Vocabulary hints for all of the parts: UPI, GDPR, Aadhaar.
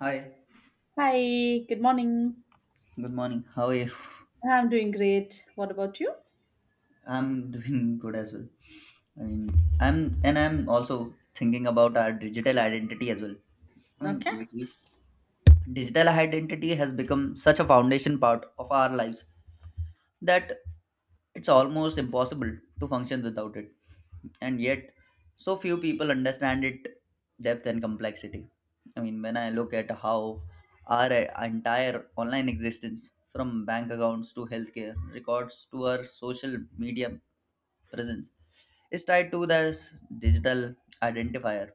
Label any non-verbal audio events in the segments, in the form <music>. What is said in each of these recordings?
Hi, Hi, good morning. good morning. How are you? I'm doing great. What about you? I'm doing good as well. I mean, I'm also thinking about our digital identity as well. I mean, Okay. lately, digital identity has become such a foundation part of our lives. That It's almost impossible to function without it. And yet, so few people understand it depth and complexity. I mean, when I look at how our entire online existence, from bank accounts to healthcare records to our social media presence, is tied to this digital identifier,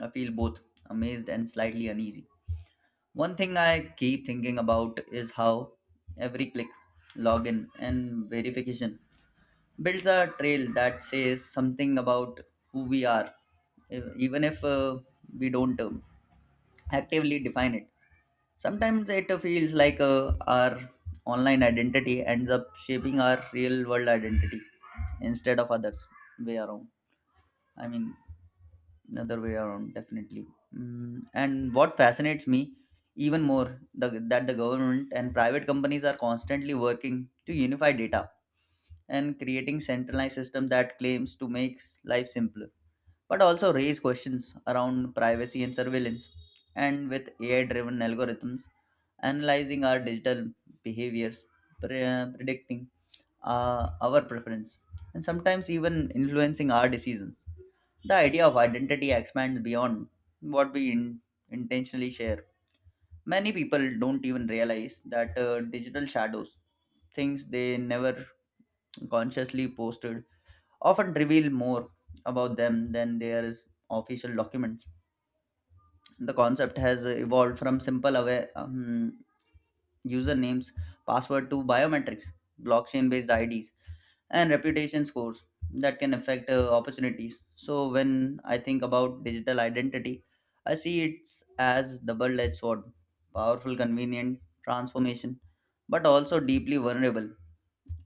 I feel both amazed and slightly uneasy. One thing I keep thinking about is how every click, login, and verification builds a trail that says something about who we are, even if we don't actively define it. Sometimes it feels like our online identity ends up shaping our real world identity instead of others way around. I mean, another way around definitely. And what fascinates me even more that the government and private companies are constantly working to unify data and creating centralized system that claims to make life simpler but also raise questions around privacy and surveillance, and with ai driven algorithms analyzing our digital behaviors, predicting our preference and sometimes even influencing our decisions, the idea of identity expands beyond what intentionally share. Many people don't even realize that digital shadows, things they never consciously posted, often reveal more about them than their official documents. The concept has evolved from simple usernames, password to biometrics, blockchain based IDs and reputation scores that can affect opportunities. So when I think about digital identity, I see it as double-edged sword, powerful, convenient transformation, but also deeply vulnerable.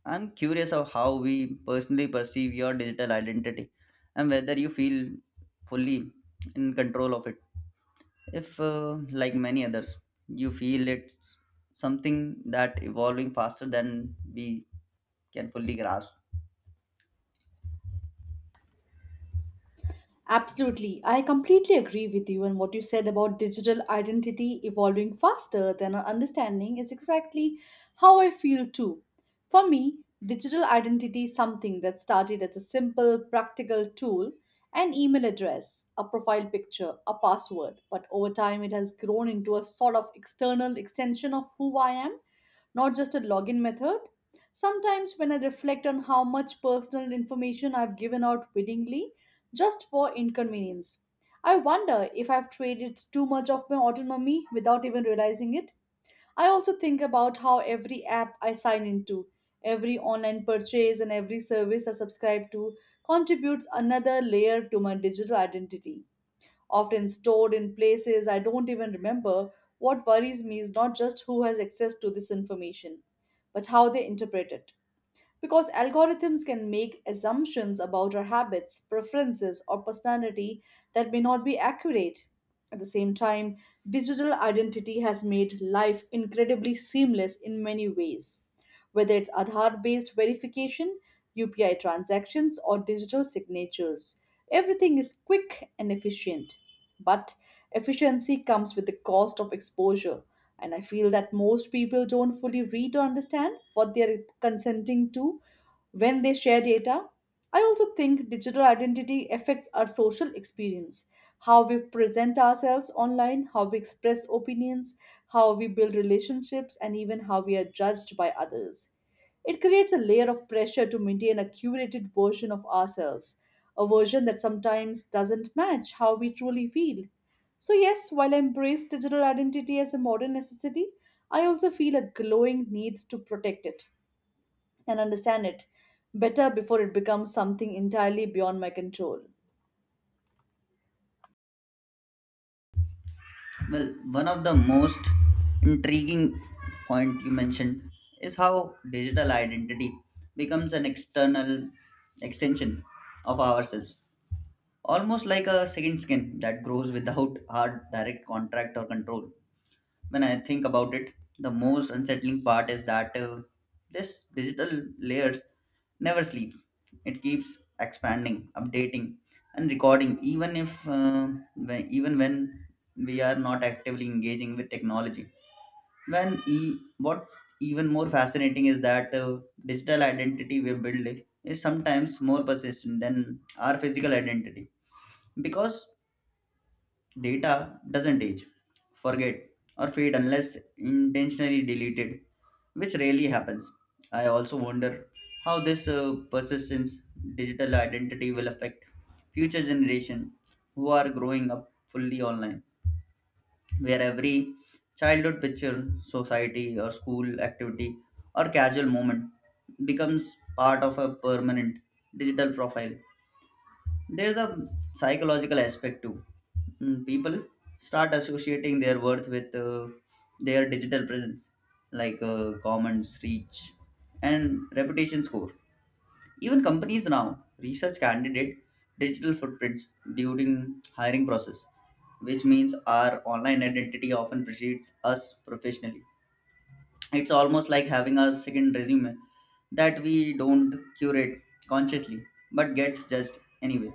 I'm curious of how we personally perceive your digital identity and whether you feel fully in control of it. If, like many others, you feel it's something that evolving faster than we can fully grasp. Absolutely. I completely agree with you, and what you said about digital identity evolving faster than our understanding is exactly how I feel too. For me, digital identity is something that started as a simple, practical tool an email address, a profile picture, a password, but over time it has grown into a sort of external extension of who I am not just a login method. Sometimes, when I reflect on how much personal information I've given out willingly, just for inconvenience. I wonder if I've traded too much of my autonomy without even realizing it. I also think about how every app I sign into, every online purchase, and every service I subscribe to contributes another layer to my digital identity, often stored in places I don't even remember. What worries me is not just who has access to this information, but how they interpret it. Because algorithms can make assumptions about our habits, preferences, or personality that may not be accurate. At the same time, digital identity has made life incredibly seamless in many ways whether it's Aadhaar based verification, UPI transactions, or digital signatures. Everything is quick and efficient. But efficiency comes with the cost of exposure, and I feel that most people don't fully read or understand what they are consenting to when they share data. I also think digital identity affects our social experience, how we present ourselves online, how we express opinions, how we build relationships, and even how we are judged by others. It creates a layer of pressure to maintain a curated version of ourselves, a version that sometimes doesn't match how we truly feel. So, yes, while I embrace digital identity as a modern necessity, I also feel a glowing need to protect it and understand it better before it becomes something entirely beyond my control. Well, one of the most intriguing point you mentioned is how digital identity becomes an external extension of ourselves, almost like a second skin that grows without our direct contract or control. When I think about it, the most unsettling part is that this digital layers never sleeps. It keeps expanding, updating, and recording, even when we are not actively engaging with technology. What's even more fascinating is that digital identity we build is sometimes more persistent than our physical identity, because data doesn't age, forget, or fade unless intentionally deleted, which rarely happens. I also wonder how this persistence digital identity will affect future generation who are growing up fully online, where every childhood picture, society, or school activity or casual moment becomes part of a permanent digital profile. There's a psychological aspect too. People start associating their worth with their digital presence, like comments, reach, and reputation score. Even companies now research candidate digital footprints during hiring process, which means our online identity often precedes us professionally. It's almost like having a second resume that we don't curate consciously but gets judged anyway.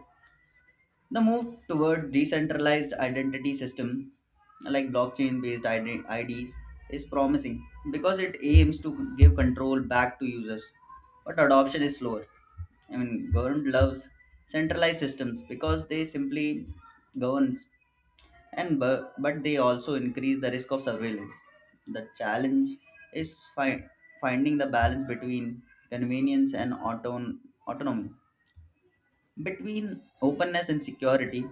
The move toward decentralized identity system like blockchain based IDs is promising because it aims to give control back to users, but adoption is slower. I mean, government loves centralized systems because they simply governs and but they also increase the risk of surveillance. The challenge is finding the balance between convenience and autonomy, between openness and security,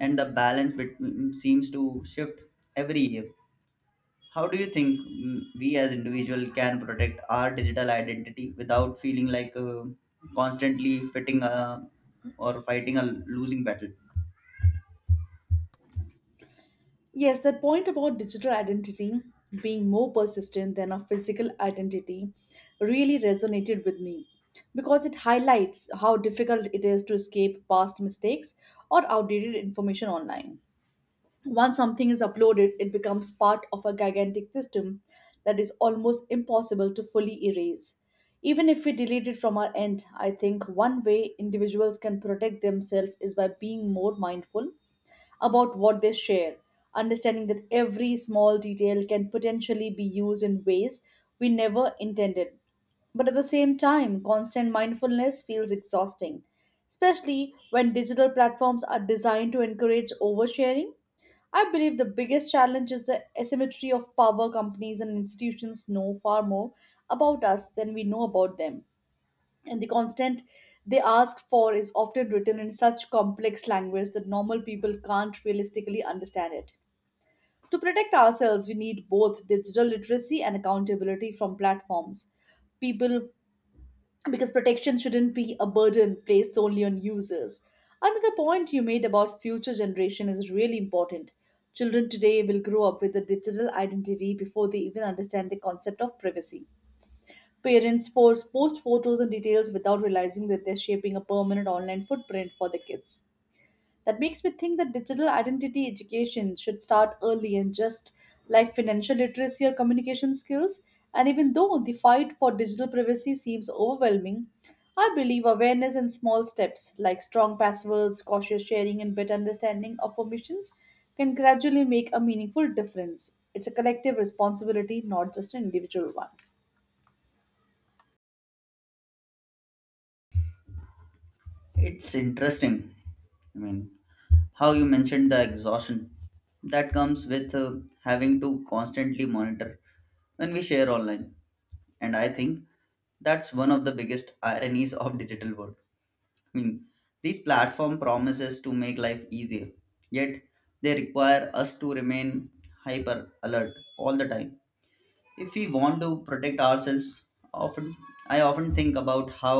and the balance between seems to shift every year. How do you think, we as individual can protect our digital identity without feeling like constantly fitting a, or fighting a losing battle? Yes, that point about digital identity being more persistent than a physical identity really resonated with me because it highlights how difficult it is to escape past mistakes or outdated information online. Once something is uploaded, it becomes part of a gigantic system that is almost impossible to fully erase. Even if we delete it from our end, I think one way individuals can protect themselves is by being more mindful about what they share, understanding that every small detail can potentially be used in ways we never intended. But at the same time, constant mindfulness feels exhausting, especially when digital platforms are designed to encourage oversharing. I believe the biggest challenge is the asymmetry of power companies and institutions know far more about us than we know about them. And the constant they ask for is often written in such complex language that normal people can't realistically understand it. To protect ourselves, we need both digital literacy and accountability from platforms. People because protection shouldn't be a burden placed solely on users. Another point you made about future generation is really important. Children today will grow up with a digital identity before they even understand the concept of privacy. Parents force post photos and details without realizing that they're shaping a permanent online footprint for the kids. That makes me think that digital identity education should start early and just like financial literacy or communication skills. And even though the fight for digital privacy seems overwhelming, I believe awareness and small steps like strong passwords, cautious sharing, and better understanding of permissions can gradually make a meaningful difference. It's a collective responsibility, not just an individual one. It's interesting. I mean, how you mentioned the exhaustion that comes with having to constantly monitor when we share online. And I think that's one of the biggest ironies of digital world. I mean, these platform promises to make life easier, yet they require us to remain hyper alert all the time if we want to protect ourselves. often often think about how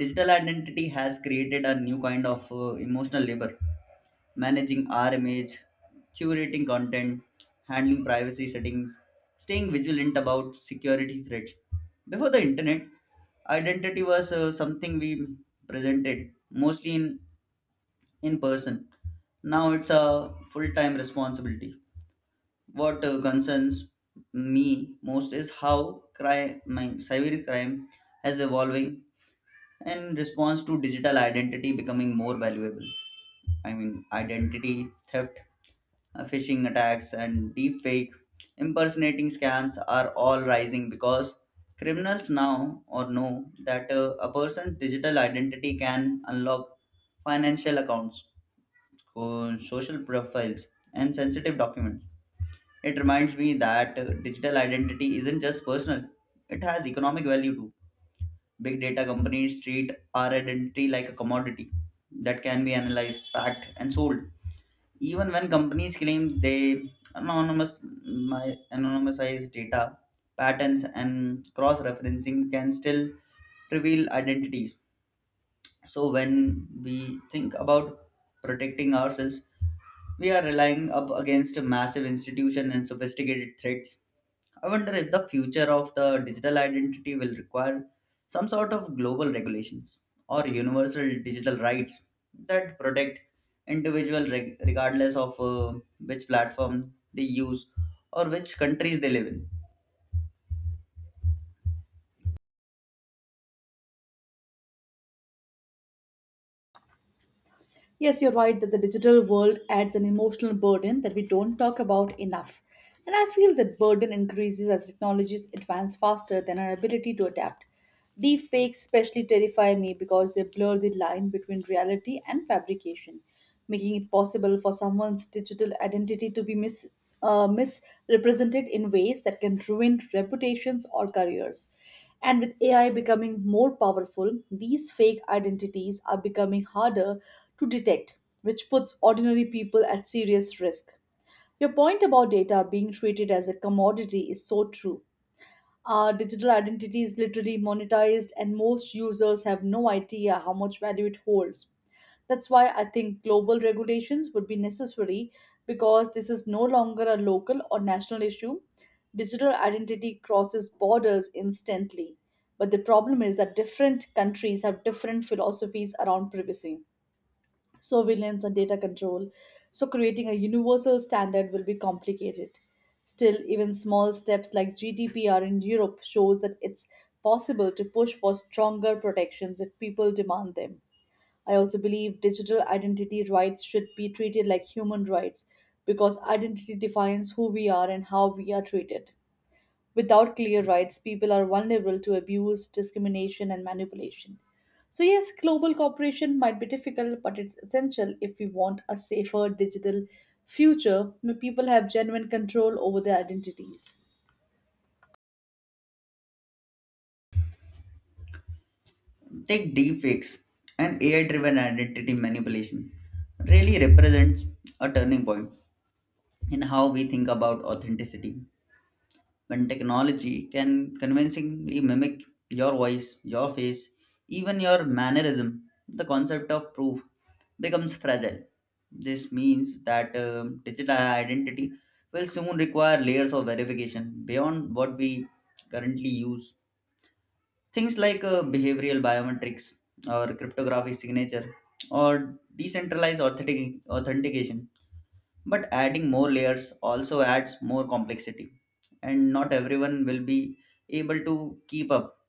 digital identity has created a new kind of emotional labor, managing our image, curating content, handling privacy settings, staying vigilant about security threats. Before the internet, identity was something we presented mostly in person. Now it's a full time responsibility. What concerns me most is how crime, my cyber crime has evolving in response to digital identity becoming more valuable. I mean, identity theft, phishing attacks, and deepfake impersonating scams are all rising because criminals now or know that a person's digital identity can unlock financial accounts, social profiles, and sensitive documents. It reminds me that digital identity isn't just personal, it has economic value too. Big data companies treat our identity like a commodity that can be analyzed, packed, and sold. Even when companies claim they anonymous my anonymized data, patterns and cross-referencing can still reveal identities. So when we think about protecting ourselves, we are relying up against a massive institution and sophisticated threats. I wonder if the future of the digital identity will require some sort of global regulations or universal digital rights that protect individuals regardless of which platform they use or which countries they live in. Yes, you're right that the digital world adds an emotional burden that we don't talk about enough. And I feel that burden increases as technologies advance faster than our ability to adapt. Deepfakes especially terrify me because they blur the line between reality and fabrication making it possible for someone's digital identity to be misrepresented in ways that can ruin reputations or careers. And with AI becoming more powerful, these fake identities are becoming harder to detect, which puts ordinary people at serious risk. Your point about data being treated as a commodity is so true. Digital identity is literally monetized, and most users have no idea how much value it holds. That's why I think global regulations would be necessary because this is no longer a local or national issue. Digital identity crosses borders instantly. But the problem is that different countries have different philosophies around privacy surveillance, and data control, so creating a universal standard will be complicated. Still, even small steps like GDPR in Europe shows that it's possible to push for stronger protections if people demand them. I also believe digital identity rights should be treated like human rights because identity defines who we are and how we are treated. Without clear rights, people are vulnerable to abuse, discrimination, and manipulation. So, yes, global cooperation might be difficult, but it's essential if we want a safer digital future where people have genuine control over their identities. Take deepfakes and AI-driven identity manipulation really represents a turning point in how we think about authenticity. When technology can convincingly mimic your voice, your face, even your mannerism, the concept of proof becomes fragile. This means that digital identity will soon require layers of verification beyond what we currently use. Things like behavioral biometrics or cryptographic signature or decentralized authentication. But adding more layers also adds more complexity, and not everyone will be able to keep up.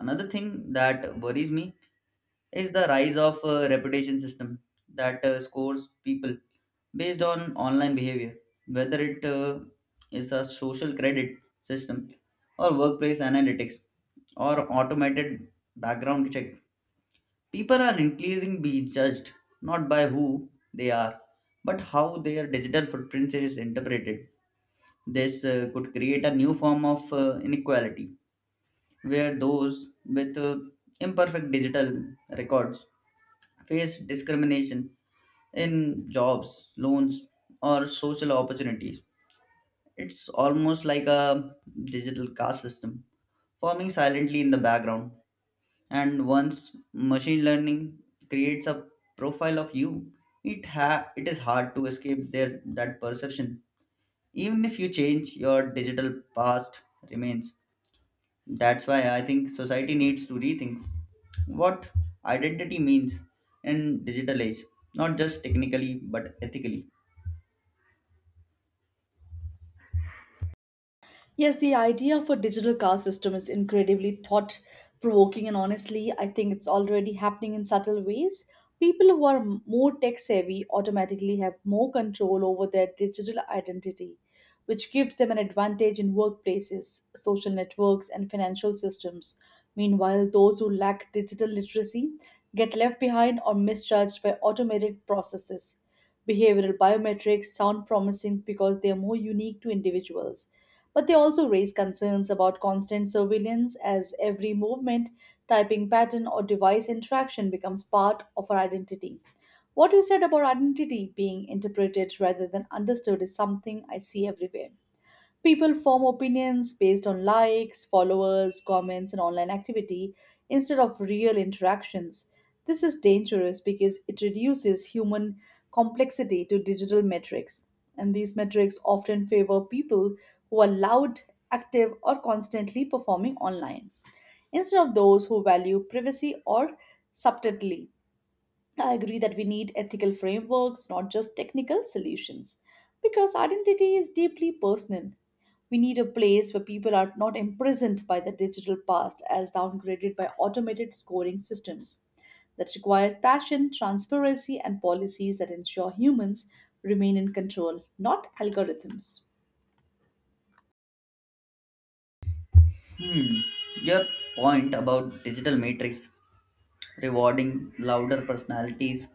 Another thing that worries me is the rise of a reputation system that scores people based on online behavior, whether it is a social credit system or workplace analytics or automated background check. People are increasingly being judged not by who they are, but how their digital footprint is interpreted. This could create a new form of inequality where those with imperfect digital records face discrimination in jobs, loans, or social opportunities. It's almost like a digital caste system forming silently in the background. And once machine learning creates a profile of you, it is hard to escape their that perception. Even if you change, your digital past remains. That's why I think society needs to rethink what identity means in digital age, not just technically but ethically. Yes, the idea of a digital car system is incredibly thought provoking, and honestly, I think it's already happening in subtle ways. People who are more tech savvy automatically have more control over their digital identity, which gives them an advantage in workplaces, social networks, and financial systems. Meanwhile, those who lack digital literacy get left behind or misjudged by automated processes. Behavioral biometrics sound promising because they are more unique to individuals but they also raise concerns about constant surveillance as every movement, typing pattern, or device interaction becomes part of our identity. What you said about identity being interpreted rather than understood is something I see everywhere. People form opinions based on likes, followers, comments, and online activity instead of real interactions. This is dangerous because it reduces human complexity to digital metrics, and these metrics often favor people who are loud, active, or constantly performing online instead of those who value privacy or subtlety. I agree that we need ethical frameworks, not just technical solutions, because identity is deeply personal. We need a place where people are not imprisoned by the digital past as downgraded by automated scoring systems that require passion, transparency, and policies that ensure humans remain in control, not algorithms. Your point about digital matrix rewarding louder personalities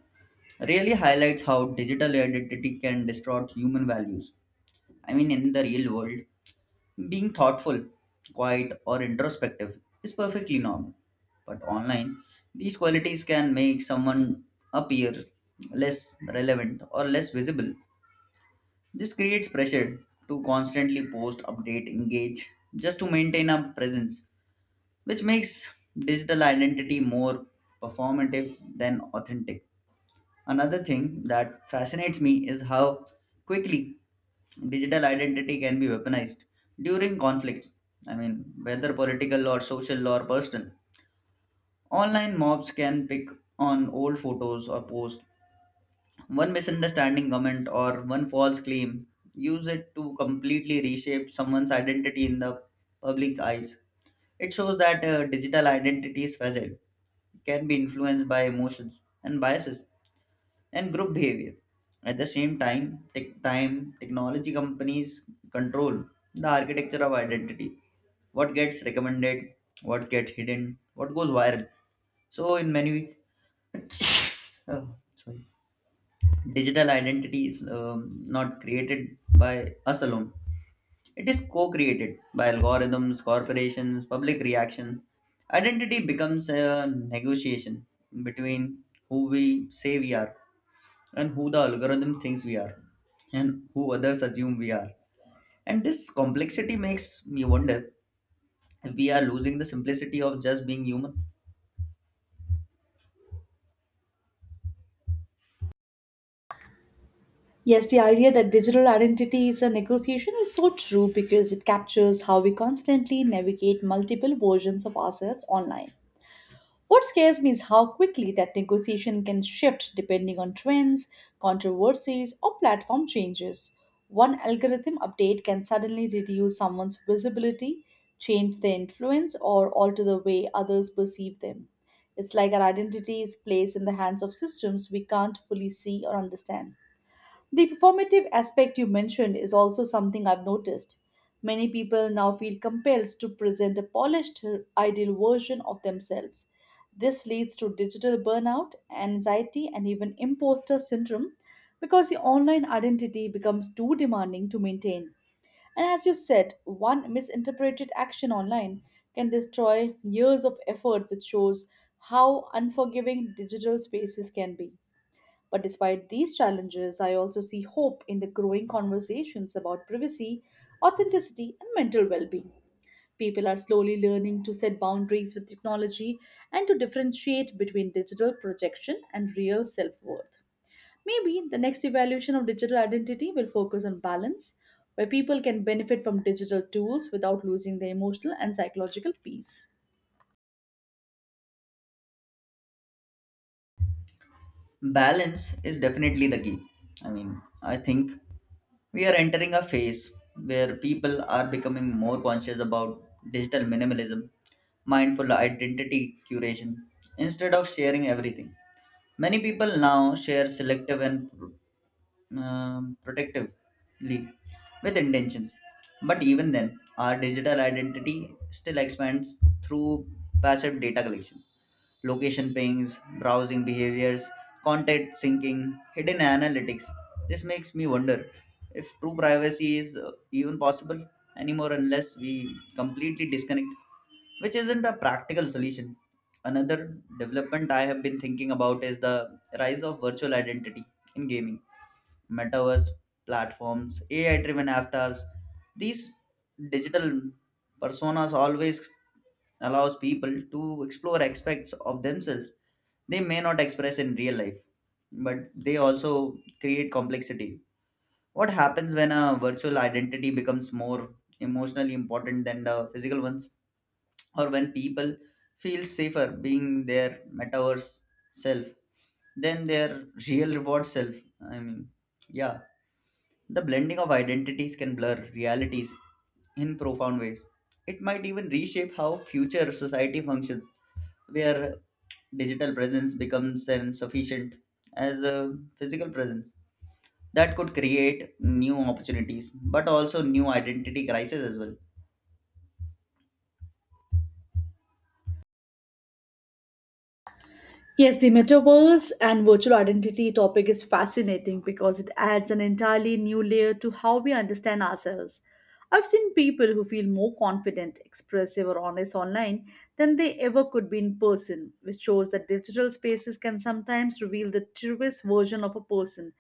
really highlights how digital identity can distort human values. I mean, in the real world, being thoughtful, quiet, or introspective is perfectly normal. But online, these qualities can make someone appear less relevant or less visible. This creates pressure to constantly post, update, engage just to maintain a presence, which makes digital identity more performative than authentic. Another thing that fascinates me is how quickly digital identity can be weaponized during conflict. I mean, whether political or social or personal. Online mobs can pick on old photos or posts. One misunderstanding comment or one false claim use it to completely reshape someone's identity in the public eyes. It shows that digital identity is fragile, can be influenced by emotions and biases and group behavior. At the same time, technology companies control the architecture of identity. What gets recommended, what gets hidden, what goes viral. So in many <coughs> oh, sorry. Digital identity is not created by us alone. It is co-created by algorithms, corporations, public reaction. Identity becomes a negotiation between who we say we are and who the algorithm thinks we are, and who others assume we are. And this complexity makes me wonder if we are losing the simplicity of just being human. Yes, the idea that digital identity is a negotiation is so true because it captures how we constantly navigate multiple versions of ourselves online. What scares me is how quickly that negotiation can shift depending on trends, controversies, or platform changes. One algorithm update can suddenly reduce someone's visibility, change their influence, or alter the way others perceive them. It's like our identity is placed in the hands of systems we can't fully see or understand. The performative aspect you mentioned is also something I've noticed. Many people now feel compelled to present a polished, ideal version of themselves. This leads to digital burnout, anxiety, and even imposter syndrome because the online identity becomes too demanding to maintain. And as you said, one misinterpreted action online can destroy years of effort, which shows how unforgiving digital spaces can be. But despite these challenges, I also see hope in the growing conversations about privacy, authenticity, and mental well being. People are slowly learning to set boundaries with technology and to differentiate between digital projection and real self worth. Maybe the next evaluation of digital identity will focus on balance, where people can benefit from digital tools without losing their emotional and psychological peace. Balance is definitely the key. I mean, I think we are entering a phase where people are becoming more conscious about digital minimalism, mindful identity curation, instead of sharing everything. Many people now share selective and protectively with intentions. But even then, our digital identity still expands through passive data collection, location pings, browsing behaviors, content syncing, hidden analytics. This makes me wonder if true privacy is even possible anymore unless we completely disconnect, which isn't a practical solution. Another development I have been thinking about is the rise of virtual identity in gaming metaverse platforms, AI driven avatars. These digital personas always allows people to explore aspects of themselves they may not express in real life, but they also create complexity. What happens when a virtual identity becomes more emotionally important than the physical ones, or when people feel safer being their metaverse self than their real reward self? I mean, yeah, the blending of identities can blur realities in profound ways. It might even reshape how future society functions, where digital presence becomes as sufficient as a physical presence. That could create new opportunities, but also new identity crises as well. Yes, the metaverse and virtual identity topic is fascinating because it adds an entirely new layer to how we understand ourselves. I've seen people who feel more confident, expressive, or honest online than they ever could be in person, which shows that digital spaces can sometimes reveal the truest version of a person.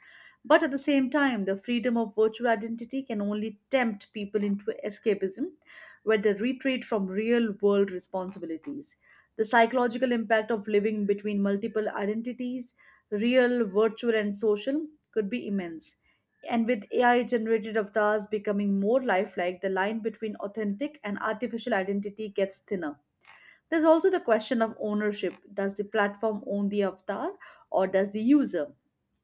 But at the same time, the freedom of virtual identity can only tempt people into escapism, where they retreat from real world responsibilities. The psychological impact of living between multiple identities, real, virtual, and social, could be immense. And with AI generated avatars becoming more lifelike, the line between authentic and artificial identity gets thinner. There's also the question of ownership does the platform own the avatar or does the user?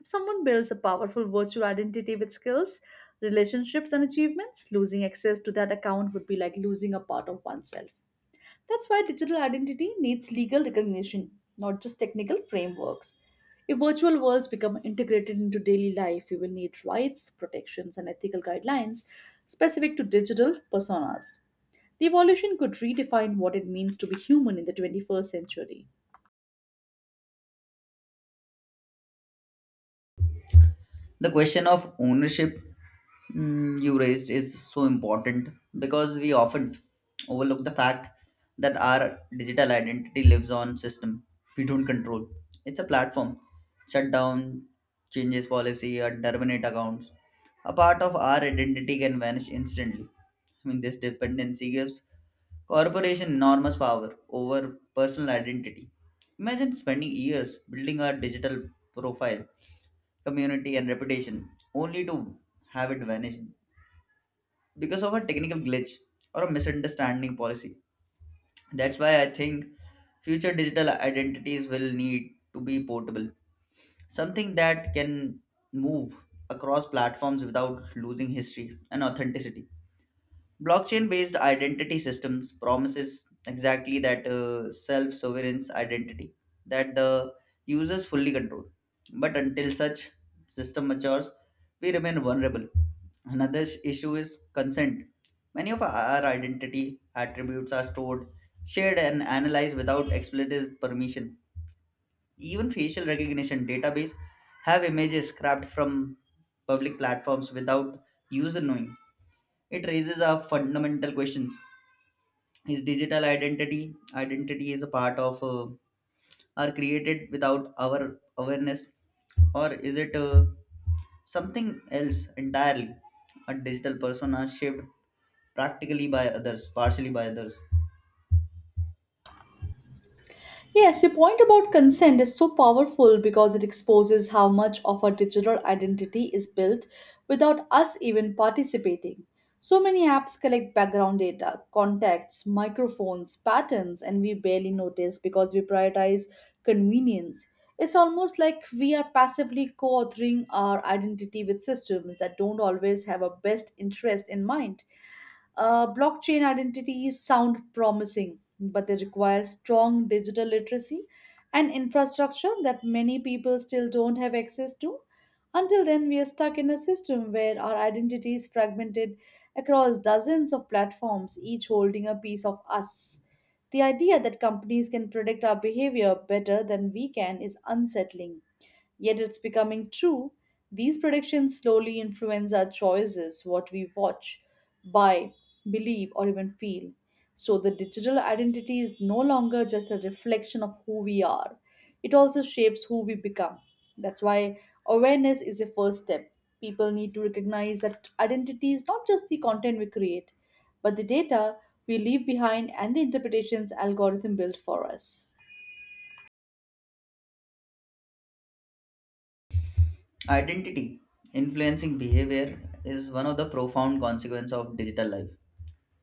If someone builds a powerful virtual identity with skills, relationships, and achievements, losing access to that account would be like losing a part of oneself. That's why digital identity needs legal recognition, not just technical frameworks. If virtual worlds become integrated into daily life, we will need rights, protections, and ethical guidelines specific to digital personas. The evolution could redefine what it means to be human in the 21st century. The question of ownership you raised is so important, because we often overlook the fact that our digital identity lives on system we don't control. It's a platform shut down, changes policy or terminate accounts, a part of our identity can vanish instantly. I mean, this dependency gives corporation enormous power over personal identity. Imagine spending years building our digital profile, community, and reputation, only to have it vanish because of a technical glitch or a misunderstanding policy. That's why I think future digital identities will need to be portable, something that can move across platforms without losing history and authenticity. Blockchain-based identity systems promises exactly that. Self-sovereign identity that the users fully control. But until such system matures, we remain vulnerable. Another issue is consent. Many of our identity attributes are stored, shared, and analyzed without explicit permission. Even facial recognition database have images scrapped from public platforms without user knowing. It raises a fundamental questions, is digital identity is a part of are created without our awareness, or is it something else entirely, a digital persona shaped practically by others, partially by others. Yes, your point about consent is so powerful because it exposes how much of our digital identity is built without us even participating. So many apps collect background data, contacts, microphones, patterns, and we barely notice because we prioritize convenience. It's almost like we are passively co authoring our identity with systems that don't always have our best interest in mind. Blockchain identities sound promising, but they require strong digital literacy and infrastructure that many people still don't have access to. Until then, we are stuck in a system where our identity is fragmented across dozens of platforms, each holding a piece of us. The idea that companies can predict our behavior better than we can is unsettling. Yet it's becoming true. These predictions slowly influence our choices, what we watch, buy, believe, or even feel. So the digital identity is no longer just a reflection of who we are, it also shapes who we become. That's why awareness is the first step. People need to recognize that identity is not just the content we create, but the data we leave behind and the interpretations algorithm built for us. Identity influencing behavior is one of the profound consequences of digital life,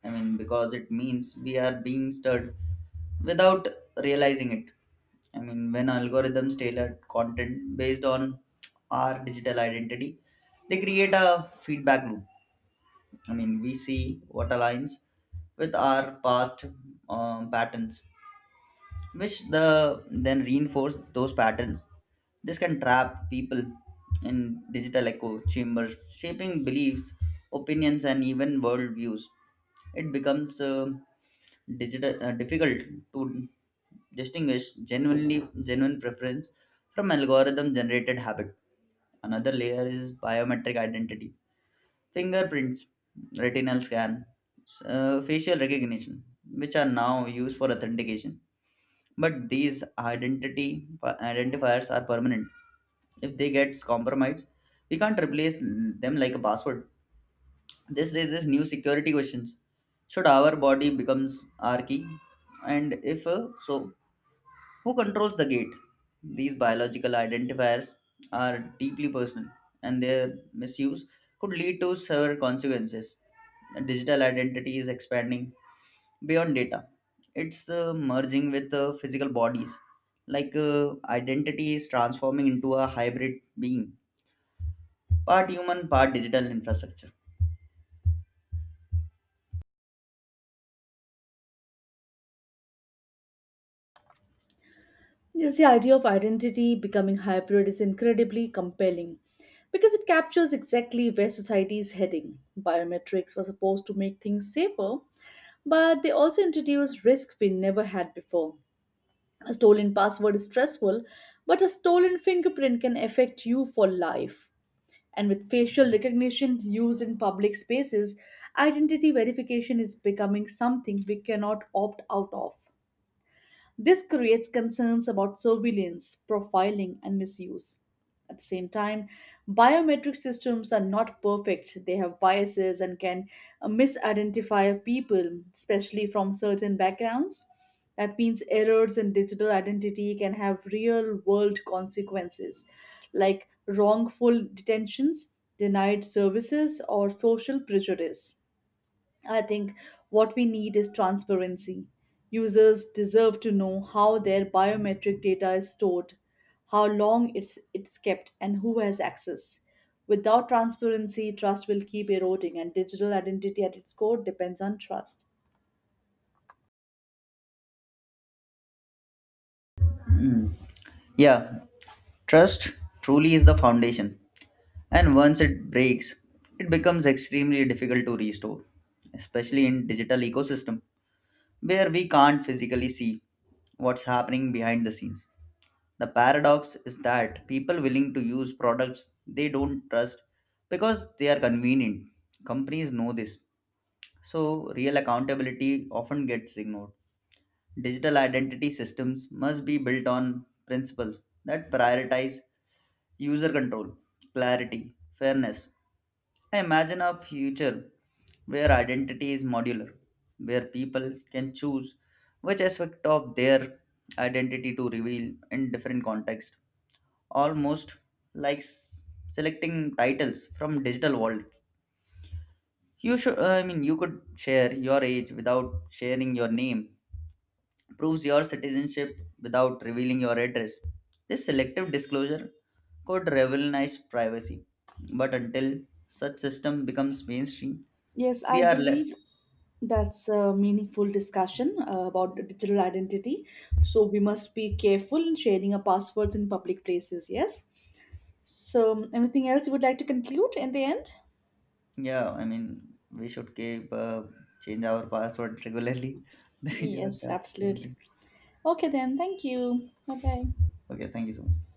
I mean, because it means we are being stirred without realizing it. I mean, when algorithms tailor content based on our digital identity, they create a feedback loop. I mean, we see what aligns with our past patterns, which the then reinforce those patterns. This can trap people in digital echo chambers, shaping beliefs, opinions, and even worldviews. It becomes digital difficult to distinguish genuine preference from algorithm generated habit. Another layer is biometric identity: fingerprints, retinal scan, facial recognition, which are now used for authentication, but these identity identifiers are permanent. If they get compromised, we can't replace them like a password. This raises new security questions. Should our body becomes our key? And if so, who controls the gate? These biological identifiers are deeply personal, and their misuse could lead to severe consequences. Digital identity is expanding beyond data. It's merging with physical bodies, like identity is transforming into a hybrid being, part human, part digital infrastructure. Just the idea of identity becoming hybrid is incredibly compelling because it captures exactly where society is heading. Biometrics were supposed to make things safer, but they also introduce risk we never had before. A stolen password is stressful, but a stolen fingerprint can affect you for life. And with facial recognition used in public spaces, identity verification is becoming something we cannot opt out of. This creates concerns about surveillance, profiling, and misuse. At the same time, biometric systems are not perfect. They have biases and can misidentify people, especially from certain backgrounds. That means errors in digital identity can have real world consequences, like wrongful detentions, denied services, or social prejudice. I think what we need is transparency. Users deserve to know how their biometric data is stored, how long it's kept, and who has access. Without transparency, trust will keep eroding, and digital identity at its core depends on trust. Hmm. Yeah, trust truly is the foundation, and once it breaks, it becomes extremely difficult to restore, especially in digital ecosystem where we can't physically see what's happening behind the scenes. The paradox is that people willing to use products they don't trust because they are convenient. Companies know this, so real accountability often gets ignored. Digital identity systems must be built on principles that prioritize user control, clarity, fairness. I imagine a future where identity is modular, where people can choose which aspect of their identity to reveal in different contexts, almost like selecting titles from digital wallets. I mean, you could share your age without sharing your name, proves your citizenship without revealing your address. This selective disclosure could revolutionize privacy, but until such system becomes mainstream, Yes, we I are believe left. that's a meaningful discussion about the digital identity. So we must be careful in sharing our passwords in public places, yes? So, anything else you would like to conclude in the end? Yeah, I mean, we should keep change our password regularly. <laughs> Yeah, Yes, that's absolutely. something. Okay, then. Thank you. Bye bye. Okay, thank you so much.